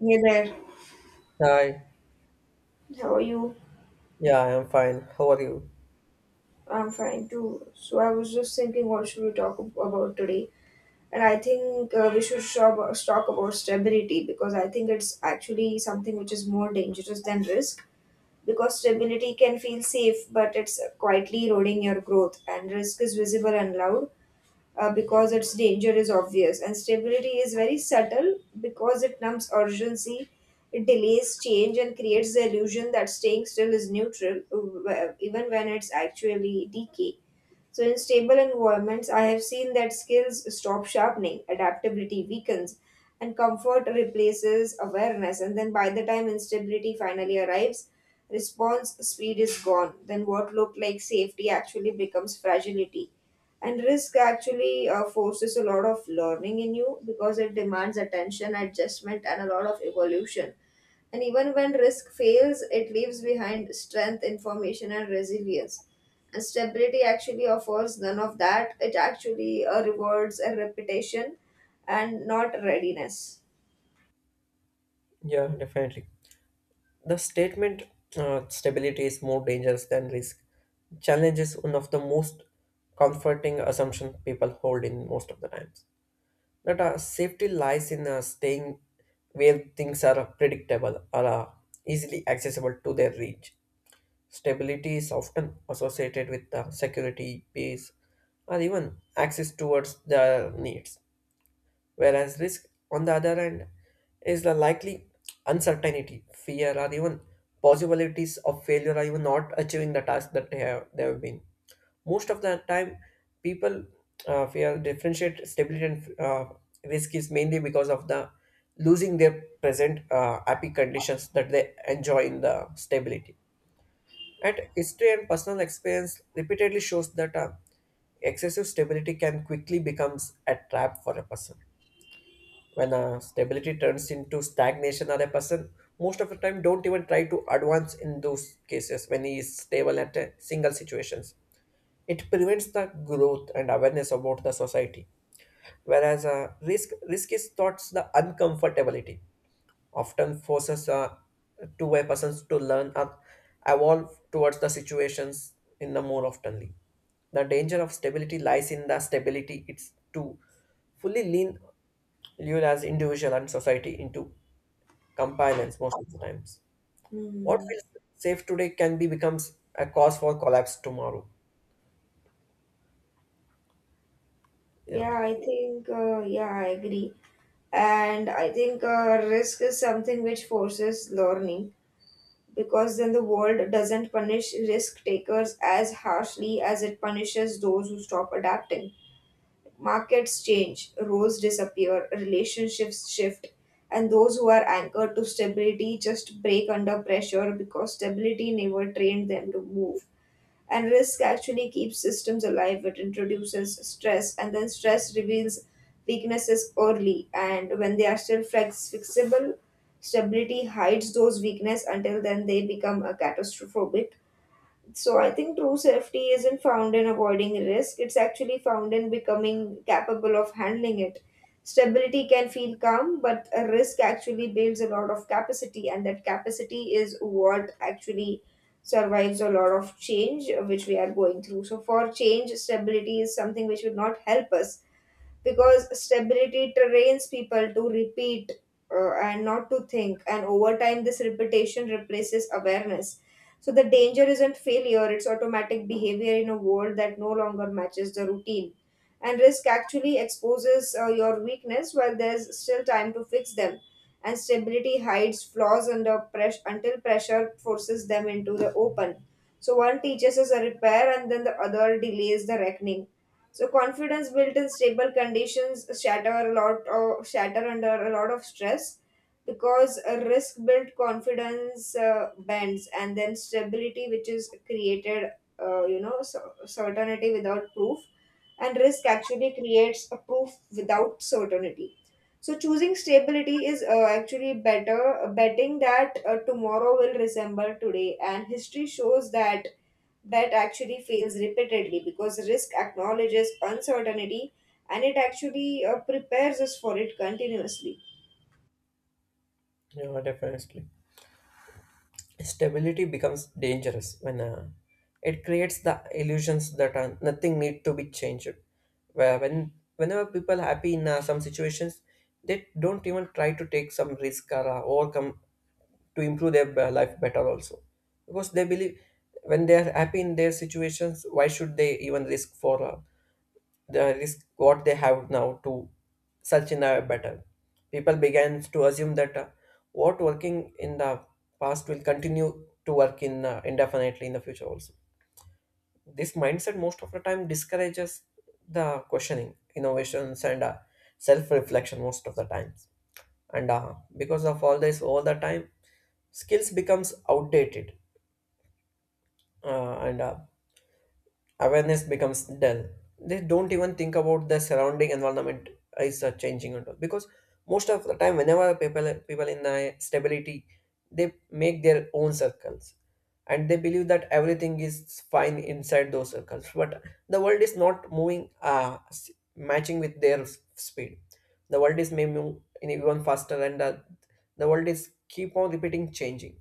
Hey there. Hi. How are you? Yeah, I'm fine. How are you? I'm fine too. So I was just thinking, what should we talk about today? And I think we should talk about stability because I think it's actually something which is more dangerous than risk. Because stability can feel safe, but it's quietly eroding your growth, and risk is visible and loud because its danger is obvious, and stability is very subtle because it numbs urgency, it delays change, and creates the illusion that staying still is neutral, even when it's actually decay. So, in stable environments, I have seen that skills stop sharpening, adaptability weakens, and comfort replaces awareness. And then, by the time instability finally arrives, response speed is gone. Then, what looked like safety actually becomes fragility. And risk actually forces a lot of learning in you because it demands attention, adjustment, and a lot of evolution. And even when risk fails, it leaves behind strength, information, and resilience. And stability actually offers none of that. It actually rewards a reputation and not readiness. Yeah, definitely. The statement stability is more dangerous than risk. Challenge is one of the most comforting assumption people hold in most of the times. That safety lies in staying where things are predictable or easily accessible to their reach. Stability is often associated with security, peace, or even access towards their needs. Whereas risk, on the other hand, is the likely uncertainty, fear, or even possibilities of failure or even not achieving the task that they have been. Most of the time, people fear differentiate stability and risk is mainly because of the losing their present happy conditions that they enjoy in the stability. And history and personal experience repeatedly shows that excessive stability can quickly becomes a trap for a person when stability turns into stagnation, or a person most of the time don't even try to advance in those cases when he is stable at a single situations. It prevents the growth and awareness about the society, whereas risk is thoughts the uncomfortability often forces two a persons to learn and evolve towards the situations in the more oftenly. The danger of stability lies in the stability it's to fully lean live as individual and society into compliance most of the times. What Hmm. feels safe today can be becomes a cause for collapse tomorrow. Yeah, Yeah, I think, yeah, I agree. And I think risk is something which forces learning because then the world doesn't punish risk takers as harshly as it punishes those who stop adapting. Markets change, roles disappear, relationships shift, and those who are anchored to stability just break under pressure because stability never trained them to move. And risk actually keeps systems alive, it introduces stress, and then stress reveals weaknesses early. And when they are still fixable, stability hides those weaknesses until then they become a catastrophic. So I think true safety isn't found in avoiding risk, it's actually found in becoming capable of handling it. Stability can feel calm, but a risk actually builds a lot of capacity, and that capacity is what actually survives a lot of change which we are going through. So, for change, stability is something which will not help us because stability trains people to repeat and not to think, and over time this repetition replaces awareness. So the danger isn't failure, it's automatic behavior in a world that no longer matches the routine, and risk actually exposes your weakness while there's still time to fix them, and stability hides flaws under pressure until pressure forces them into the open. So one teaches us a repair and then the other delays the reckoning. So confidence built in stable conditions shatter a lot, or shatter under a lot of stress, because a risk built confidence bends, and then stability which is created so, certainty without proof, and risk actually creates a proof without certainty. So choosing stability is actually better, betting that tomorrow will resemble today, and history shows that that actually fails repeatedly because risk acknowledges uncertainty, and it actually prepares us for it continuously. yeah, definitely. Stability becomes dangerous when it creates the illusions that are, nothing need to be changed, where when whenever people happy in some situations, they don't even try to take some risk or overcome to improve their life better also, because they believe when they are happy in their situations, why should they even risk for the risk what they have now to search in a better. People began to assume that what working in the past will continue to work in indefinitely in the future also. This mindset most of the time discourages the questioning, innovations, and self-reflection most of the times. And because of all this, all the time, skills becomes outdated and awareness becomes dull. They don't even think about the surrounding environment is changing at all. Because most of the time, whenever people in the stability, they make their own circles, and they believe that everything is fine inside those circles. But the world is not moving, matching with their speed. The world is may move in even faster, and the world is keep on repeating changing.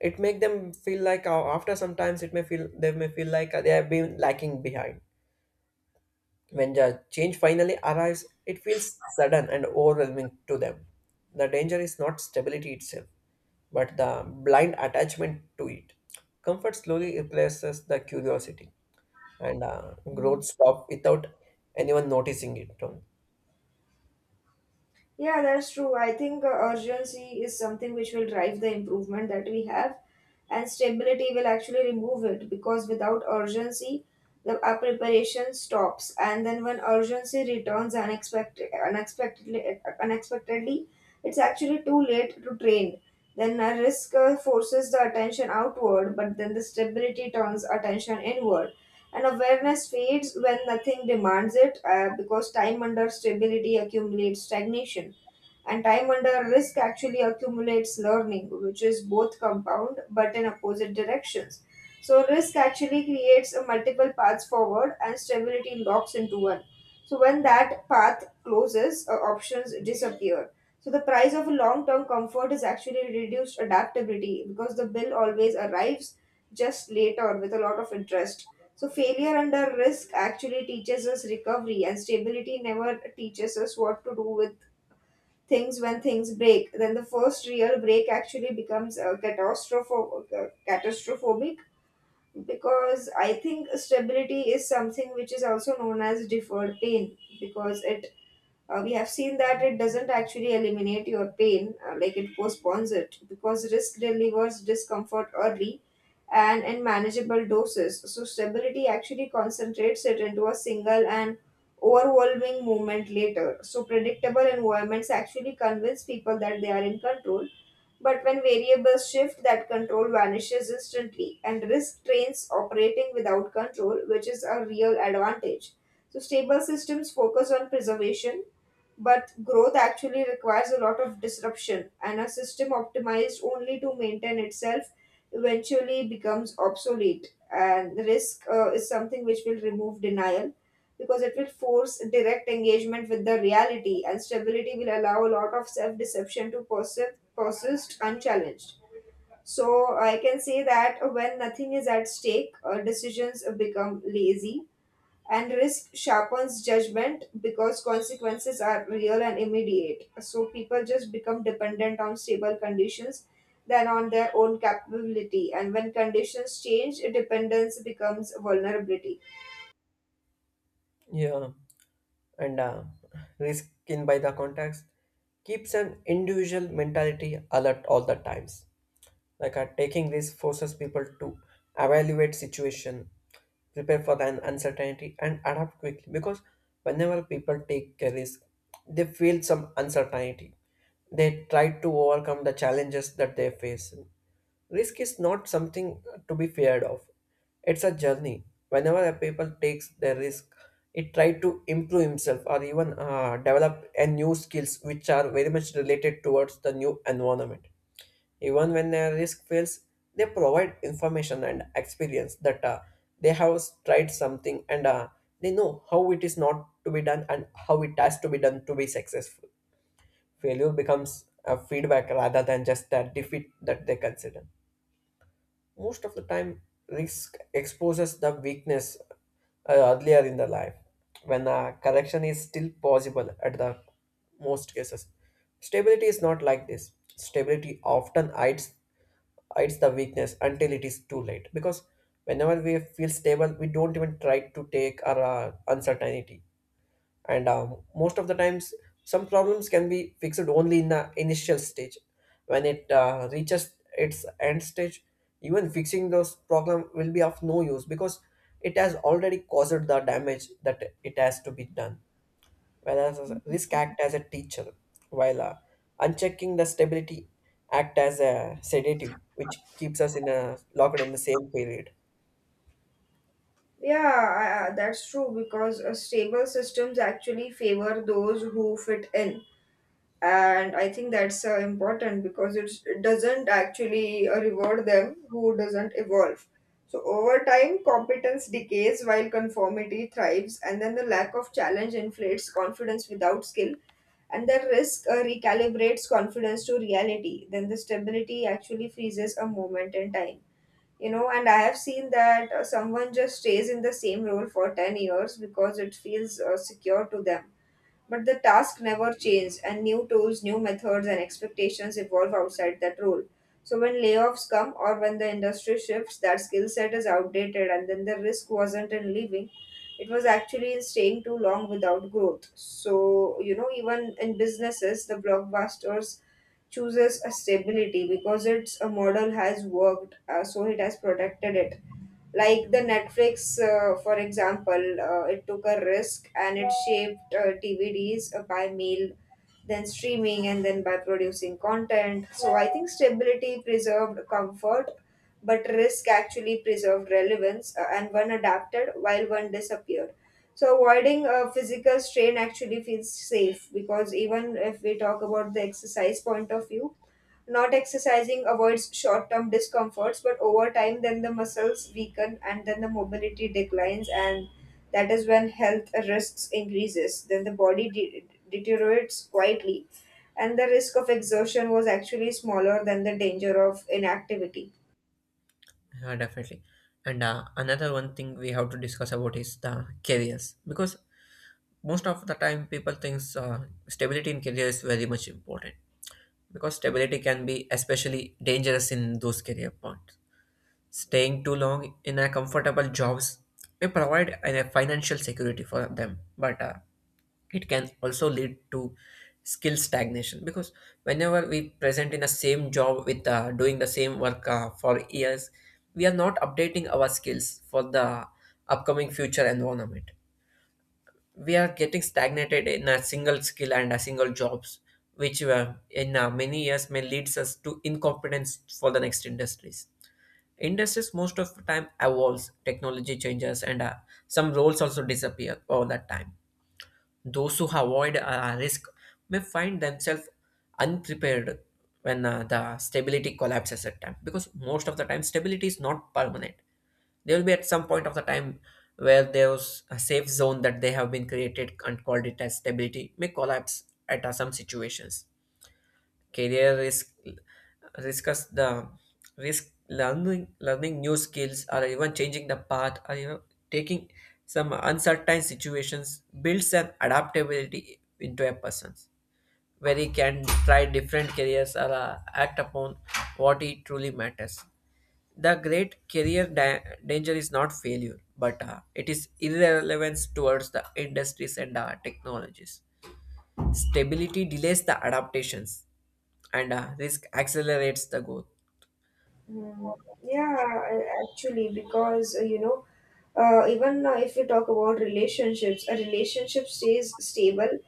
It make them feel like after sometimes it may feel they may feel like they have been lacking behind. When the change finally arrives it feels sudden and overwhelming to them. The danger is not stability itself, but the blind attachment to it. Comfort slowly replaces the curiosity, and growth stops without anyone noticing it. Yeah, that's true. I think urgency is something which will drive the improvement that we have, and stability will actually remove it because without urgency, our preparation stops. And then when urgency returns unexpectedly, it's actually too late to train. Then a risk forces the attention outward, but then the stability turns attention inward. And awareness fades when nothing demands it because time under stability accumulates stagnation. And time under risk actually accumulates learning, which is both compound but in opposite directions. So, risk actually creates a multiple paths forward and stability locks into one. So, when that path closes, options disappear. So, the price of a long term comfort is actually reduced adaptability because the bill always arrives just later with a lot of interest. So, failure under risk actually teaches us recovery, and stability never teaches us what to do with things when things break. Then the first real break actually becomes catastrophic, because I think stability is something which is also known as deferred pain because it we have seen that it doesn't actually eliminate your pain, like it postpones it, because risk delivers discomfort early and in manageable doses. So, stability actually concentrates it into a single and overwhelming movement later. So, predictable environments actually convince people that they are in control. But when variables shift, that control vanishes instantly, and risk trains operating without control, which is a real advantage. So, stable systems focus on preservation, but growth actually requires a lot of disruption, and a system optimized only to maintain itself eventually becomes obsolete. And risk is something which will remove denial because it will force direct engagement with the reality, and stability will allow a lot of self deception to persist unchallenged. So, I can say that when nothing is at stake, decisions become lazy and risk sharpens judgment because consequences are real and immediate. So people just become dependent on stable conditions than on their own capability. And when conditions change, dependence becomes vulnerability. Yeah, and risk in by the context keeps an individual mentality alert all the times. Like taking risk forces people to evaluate situation, prepare for the uncertainty, and adapt quickly. Because whenever people take a risk, they feel some uncertainty. They try to overcome the challenges that they face. Risk is not something to be feared of. It's a journey. Whenever a people takes the risk, it try to improve himself or even develop a new skills which are very much related towards the new environment. Even when their risk fails, they provide information and experience that they have tried something, and they know how it is not to be done and how it has to be done to be successful. Failure becomes a feedback rather than just a defeat that they consider. Most of the time, risk exposes the weakness earlier in the life when a correction is still possible at the most cases. Stability is not like this. Stability often hides the weakness until it is too late, because whenever we feel stable we don't even try to take our uncertainty. And most of the times some problems can be fixed only in the initial stage. When it reaches its end stage, even fixing those problem will be of no use because it has already caused the damage that it has to be done. Whereas risk act as a teacher, while unchecking the stability act as a sedative which keeps us in a locked in the same period. Yeah, that's true because stable systems actually favor those who fit in, and I think that's important because it doesn't actually reward them who doesn't evolve. So over time competence decays while conformity thrives, and then the lack of challenge inflates confidence without skill, and the risk recalibrates confidence to reality. Then the stability actually freezes a moment in time, and I have seen that someone just stays in the same role for 10 years because it feels secure to them, but the task never changes, and new tools, new methods, and expectations evolve outside that role. So when layoffs come or when the industry shifts, that skill set is outdated, and then the risk wasn't in leaving. It was actually in staying too long without growth. So, you know, even in businesses, the blockbusters chooses a stability because its a model has worked, so it has protected it, like the Netflix, for example, it took a risk and it shaped DVDs by mail, then streaming, and then by producing content. So I think stability preserved comfort, but risk actually preserved relevance, and one adapted while one disappeared. So avoiding a physical strain actually feels safe because even if we talk about the exercise point of view, not exercising avoids short term discomforts, but over time, then the muscles weaken and then the mobility declines, and that is when health risks increases. Then deteriorates quietly, and the risk of exertion was actually smaller than the danger of inactivity. Yeah, definitely. And another one thing we have to discuss about is the careers, because most of the time people thinks stability in career is very much important, because stability can be especially dangerous in those career points. Staying too long in a comfortable jobs may provide a financial security for them, but it can also lead to skill stagnation, because whenever we present in the same job with doing the same work for years, we are not updating our skills for the upcoming future environment. We are getting stagnated in a single skill and a single jobs, which in many years may leads us to incompetence for the next industries. Most of the time evolves, technology changes, and some roles also disappear all that time. Those who avoid risk may find themselves unprepared when the stability collapses at time, because most of the time stability is not permanent. They will be at some point of the time where there's a safe zone that they have been created and called it as stability may collapse at some situations. Career risk discuss the risk learning new skills, or even changing the path, or you know, taking some uncertain situations builds an adaptability into a person where he can try different careers or act upon what he truly matters. The great danger is not failure, but it is irrelevance towards the industries and technologies. Stability delays the adaptations, and risk accelerates the growth. Mm, yeah, actually, because even if we talk about relationships, a relationship stays stable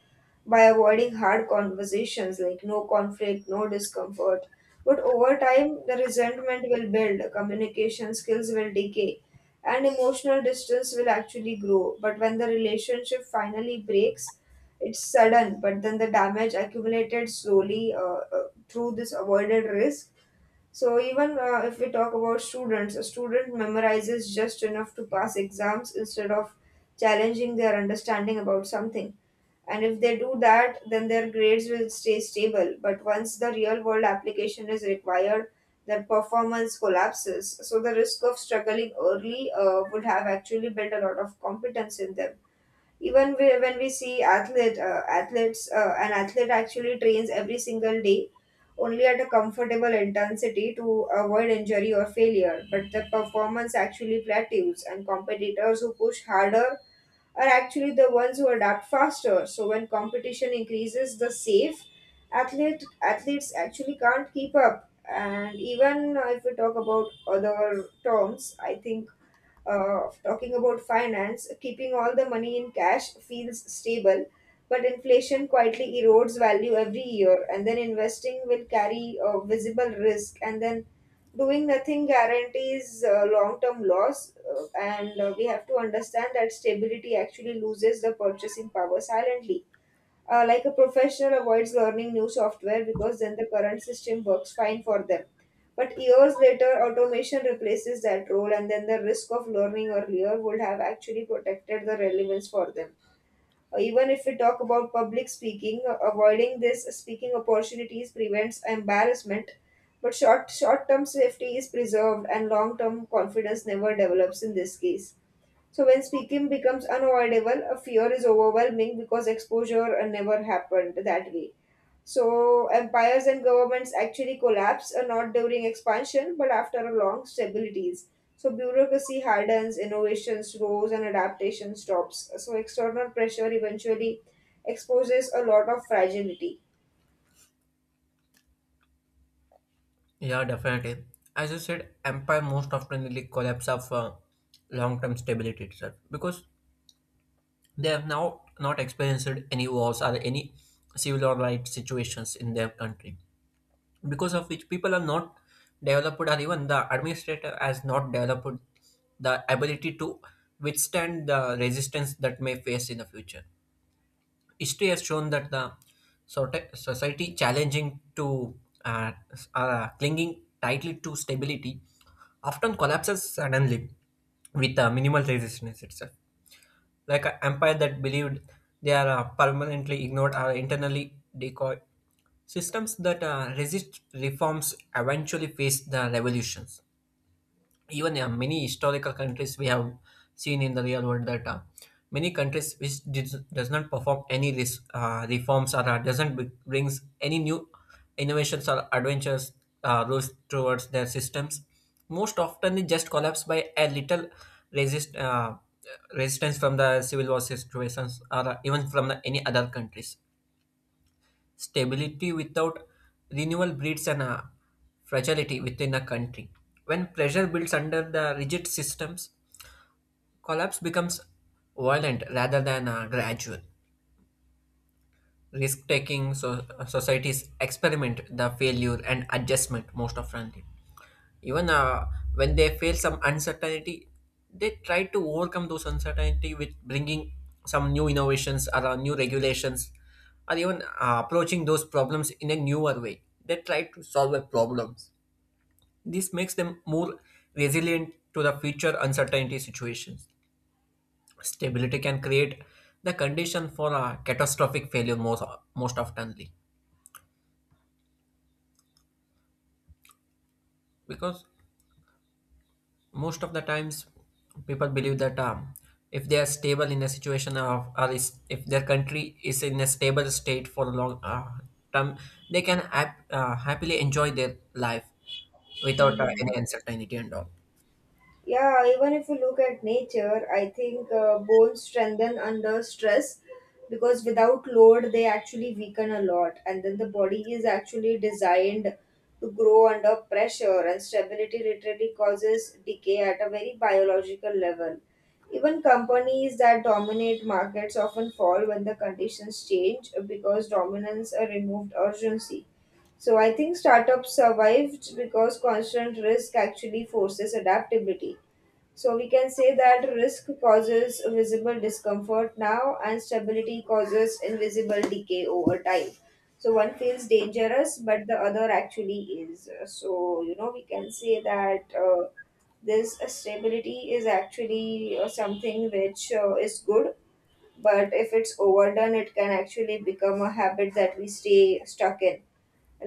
by avoiding hard conversations like no conflict, no discomfort. But over time, the resentment will build, communication skills will decay, and emotional distance will actually grow. But when the relationship finally breaks, it's sudden, but then the damage accumulated slowly uh, through this avoided risk. So even if we talk about students, a student memorizes just enough to pass exams instead of challenging their understanding about something. And if they do that, then their grades will stay stable. But once the real world application is required, their performance collapses. So the risk of struggling early would have actually built a lot of competence in them. Even when we see athletes an athlete actually trains every single day only at a comfortable intensity to avoid injury or failure, but the performance actually plateaus, and competitors who push harder are actually the ones who adapt faster. So when competition increases, the safe athletes actually can't keep up. And even if we talk about other terms, I think talking about finance, keeping all the money in cash feels stable, but inflation quietly erodes value every year, and then investing will carry a visible risk, and then doing nothing guarantees long-term loss, and we have to understand that stability actually loses the purchasing power silently. Like a professional avoids learning new software because then the current system works fine for them. But years later, automation replaces that role, and then the risk of learning earlier would have actually protected the relevance for them. Even if we talk about public speaking, avoiding this speaking opportunities prevents embarrassment. But short term safety is preserved, and long term confidence never develops in this case. So when speaking becomes unavoidable, a fear is overwhelming because exposure never happened that way. So empires and governments actually collapse, not during expansion, but after a long stabilities. So bureaucracy hardens, innovation slows, and adaptation stops. So external pressure eventually exposes a lot of fragility. Yeah, definitely. As you said, empire most often really collapse of long-term stability itself, because they have now not experienced any wars or any civil or right situations in their country, because of which people are not developed, or even the administrator has not developed the ability to withstand the resistance that may face in the future. History has shown that the society challenging to clinging tightly to stability often collapses suddenly with minimal resistance itself, like an empire that believed they are permanently ignored or internally decoy. Systems that resist reforms eventually face the revolutions. Even many historical countries we have seen in the real world that many countries which did, does not perform any reforms, or doesn't brings any new innovations or adventures rules towards their systems, most often they just collapse by a little resist uh, resistance from the civil war situations, or even from the, any other countries. Stability without renewal breeds an fragility within a country. When pressure builds under the rigid systems, collapse becomes violent rather than gradual. Risk taking societies experiment the failure and adjustment most often. Even when they feel some uncertainty, they try to overcome those uncertainty with bringing some new innovations or new regulations, or even approaching those problems in a newer way they try to solve their problems. This makes them more resilient to the future uncertainty situations. Stability can create the condition for a catastrophic failure most oftenly, because most of the times people believe that if they are stable in a situation of or is, if their country is in a stable state for a long term, they can happily enjoy their life without Mhm. any uncertainty and all. Yeah, even if you look at nature, I think bones strengthen under stress because without load, they actually weaken a lot. And then the body is actually designed to grow under pressure, and stability literally causes decay at a very biological level. Even companies that dominate markets often fall when the conditions change because dominance removed urgency. So I think startups survived because constant risk actually forces adaptability. So we can say that risk causes visible discomfort now and stability causes invisible decay over time. So one feels dangerous, but the other actually is. So we can say that this stability is actually something which is good, but if it's overdone, it can actually become a habit that we stay stuck in.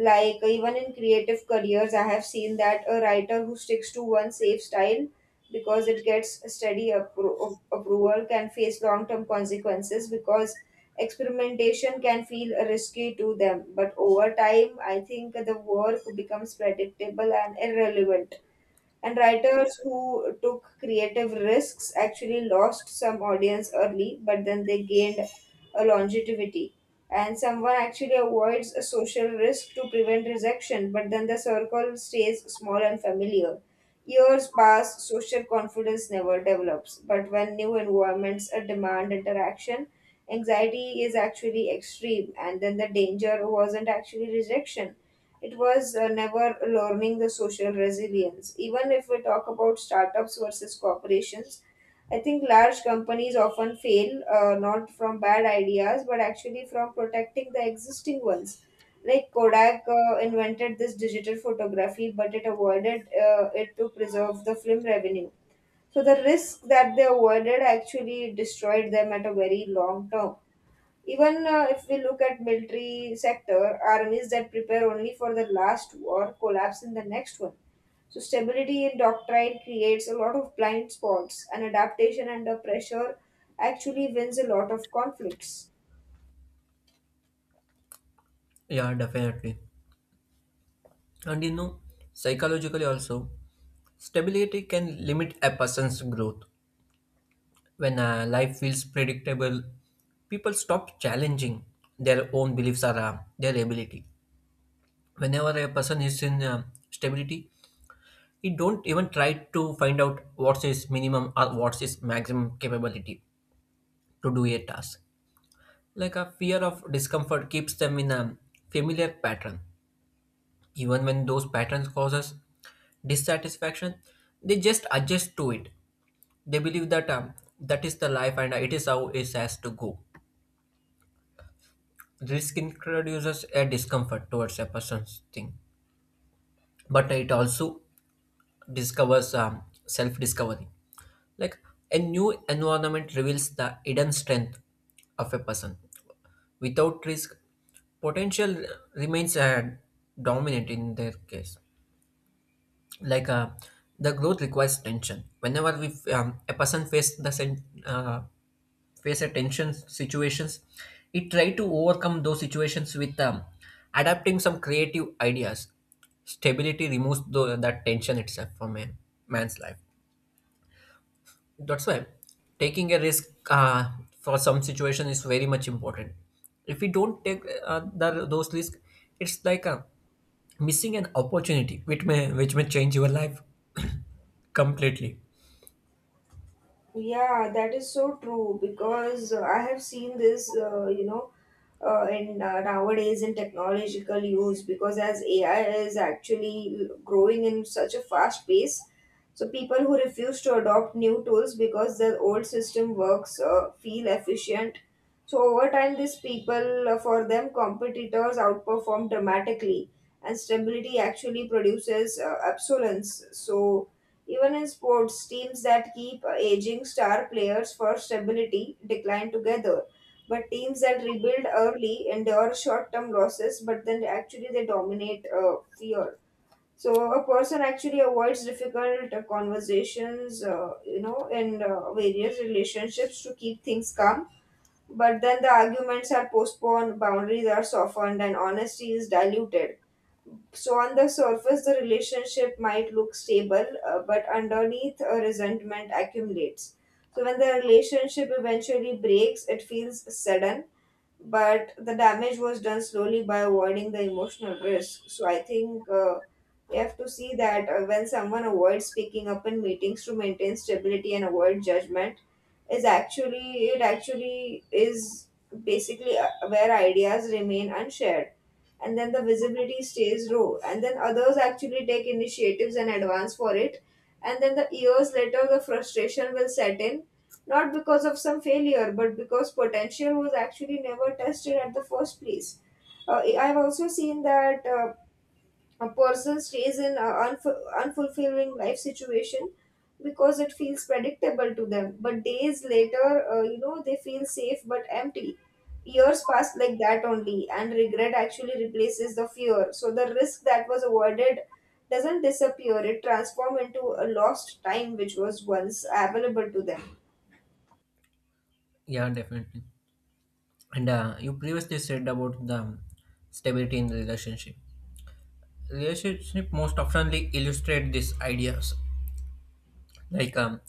Like, even in creative careers, I have seen that a writer who sticks to one safe style because it gets steady approval can face long term consequences because experimentation can feel risky to them, but over time I think the work becomes predictable and irrelevant. And writers who took creative risks actually lost some audience early, but then they gained a longevity. And someone actually avoids a social risk to prevent rejection, but then the circle stays small and familiar. Years pass, social confidence never develops, but when new environments demand interaction, anxiety is actually extreme, and then the danger wasn't actually rejection, it was never learning the social resilience. Even if we talk about startups versus corporations, I think large companies often fail not from bad ideas but actually from protecting the existing ones. Like, Kodak invented this digital photography, but it avoided it to preserve the film revenue. So the risk that they avoided actually destroyed them at a very long term. Even if we look at military sector, armies that prepare only for the last war collapse in the next one. So stability in doctrine creates a lot of blind spots, and adaptation under pressure actually wins a lot of conflicts. Yeah, definitely. And you know, psychologically also, stability can limit a person's growth. When life feels predictable, people stop challenging their own beliefs or their ability. Whenever a person is in stability, it don't even try to find out what's his minimum or what's his maximum capability to do a task. Like a fear of discomfort keeps them in a familiar pattern. Even when those patterns causes dissatisfaction, they just adjust to it. They believe that that is the life and it is how it has to go. Risk introduces a discomfort towards a person's thing, but it also discovers self discovery. Like a new environment reveals the hidden strength of a person. Without risk, potential remains dominant in their case. Like the growth requires tension. Whenever a person face the face a tension situations, it try to overcome those situations with adapting some creative ideas. Stability removes that tension itself from a man's life. That's why taking a risk uh, for some situation is very much important. If we don't take those risks, it's like missing an opportunity which may change your life completely. Yeah, that is so true because I have seen this, in nowadays in technological use because as AI is actually growing in such a fast pace. So people who refuse to adopt new tools because their old system works feel efficient. So over time, these people, for them, competitors outperform dramatically, and stability actually produces obsolescence. So even in sports, teams that keep aging star players for stability decline together. But teams that rebuild early endure short-term losses, but then actually they dominate fear. So a person actually avoids difficult conversations, in various relationships to keep things calm. But then the arguments are postponed, boundaries are softened, and honesty is diluted. So, on the surface, the relationship might look stable, but underneath, resentment accumulates. So, when the relationship eventually breaks, it feels sudden, but the damage was done slowly by avoiding the emotional risk. So I think we have to see that when someone avoids speaking up in meetings to maintain stability and avoid judgment, is actually it actually is basically where ideas remain unshared, and then the visibility stays low, and then others actually take initiatives and advance for it, and then the years later the frustration will set in, not because of some failure, but because potential was actually never tested at the first place. I've also seen that a person stays in an unfulfilling life situation because it feels predictable to them. But days later, they feel safe but empty. Years pass like that only, and regret actually replaces the fear. So the risk that was avoided doesn't disappear, it transforms into a lost time which was once available to them. Yeah, definitely. And you previously said about the stability in the relationship. Relationship most oftenly illustrate these ideas. Like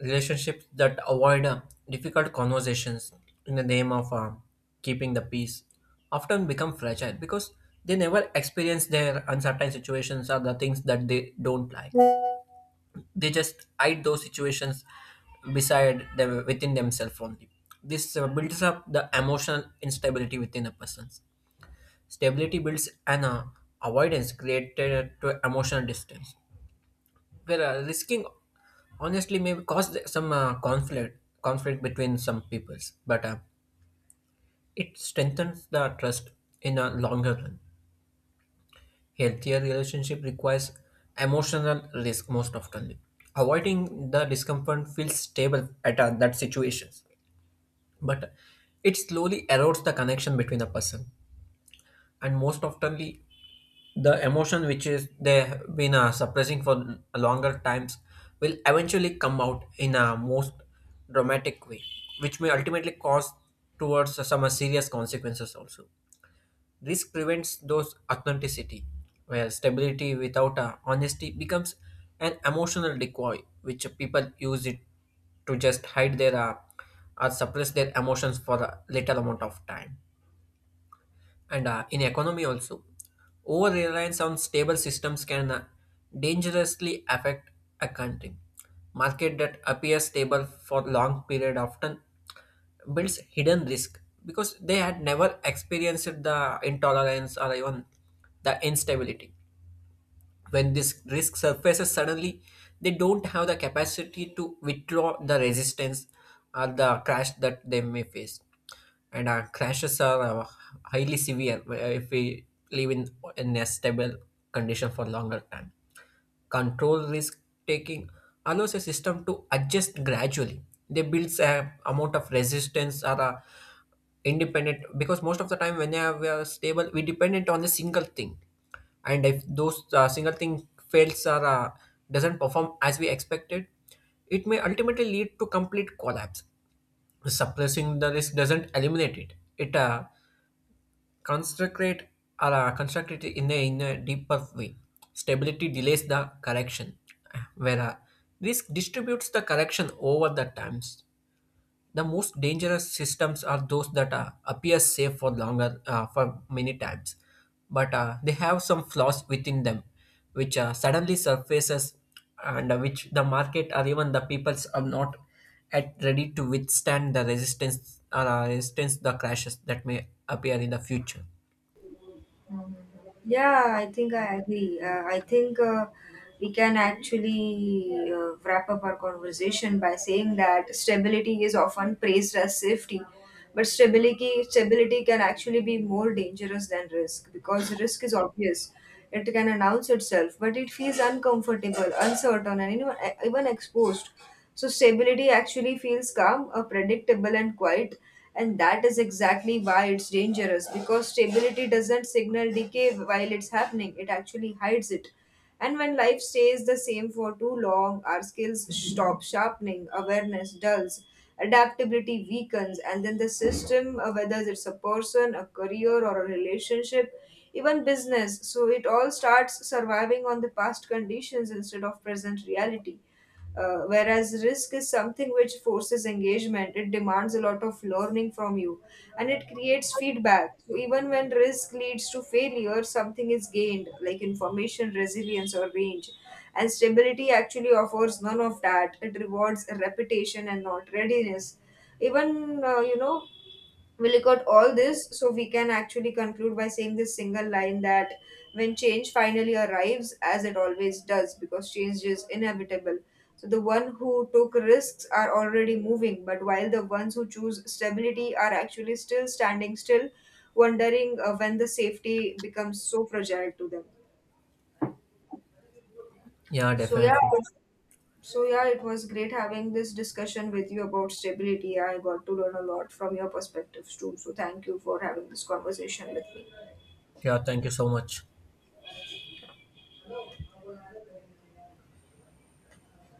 relationships that avoid difficult conversations in the name of keeping the peace often become fragile, because they never experience their uncertain situations or the things that they don't like. They just hide those situations beside them within themselves only. This builds up the emotional instability within a person. Stability builds an avoidance created to emotional distance. Well, risking honestly may cause some conflict between some peoples, but it strengthens the trust in a longer run. Healthier relationship requires emotional risk most often. Avoiding the discomfort feels stable at that situations, but it slowly erodes the connection between a person. And most oftenly, the emotion which is they've been suppressing for longer times will eventually come out in a most dramatic way, which may ultimately cause towards some serious consequences also. This prevents those authenticity, where stability without honesty becomes an emotional decoy which people use it to just hide their or suppress their emotions for a little amount of time. And in economy also, over reliance on stable systems can dangerously affect a country. Market that appears stable for long period often builds hidden risk, because they had never experienced the intolerance or even the instability. When this risk surfaces suddenly, they don't have the capacity to withdraw the resistance or the crash that they may face. And our crashes are highly severe if we live in a stable condition for longer time. Control risk taking allows a system to adjust gradually. They builds a amount of resistance or a independent, because most of the time when we are stable, we dependent on a single thing. And if those single thing fails or doesn't perform as we expected, it may ultimately lead to complete collapse. Suppressing the risk doesn't eliminate it. Constructed, are constructed in a deeper way. Stability delays the correction, whereas risk distributes the correction over the times. The most dangerous systems are those that appear safe for longer, for many times, but they have some flaws within them, which suddenly surfaces, and which the market or even the peoples are not at ready to withstand the resistance or resistance the crashes that may appear in the future. Yeah, I think I agree. I think we can actually wrap up our conversation by saying that stability is often praised as safety, but stability can actually be more dangerous than risk because risk is obvious. It can announce itself, but it feels uncomfortable, uncertain, and even exposed. So stability actually feels calm, predictable, and quiet. And that is exactly why it's dangerous, because stability doesn't signal decay while it's happening, it actually hides it. And when life stays the same for too long, our skills stop sharpening, awareness dulls, adaptability weakens, and then the system, whether it's a person, a career, or a relationship, even business, so it all starts surviving on the past conditions instead of present reality. Whereas risk is something which forces engagement, it demands a lot of learning from you and it creates feedback. So, even when risk leads to failure, something is gained, like information, resilience, or range. And stability actually offers none of that, it rewards reputation and not readiness. Even, uh, you know, we look at all this, so we can actually conclude by saying this single line that when change finally arrives, as it always does, because change is inevitable, so the one who took risks are already moving, but while the ones who choose stability are actually still standing still, wondering when the safety becomes so fragile to them. Yeah, So yeah. definitely. So yeah, it was great having this discussion with you about stability. I got to learn a lot from your perspectives too, so thank you for having this conversation with me. Yeah, thank you so much.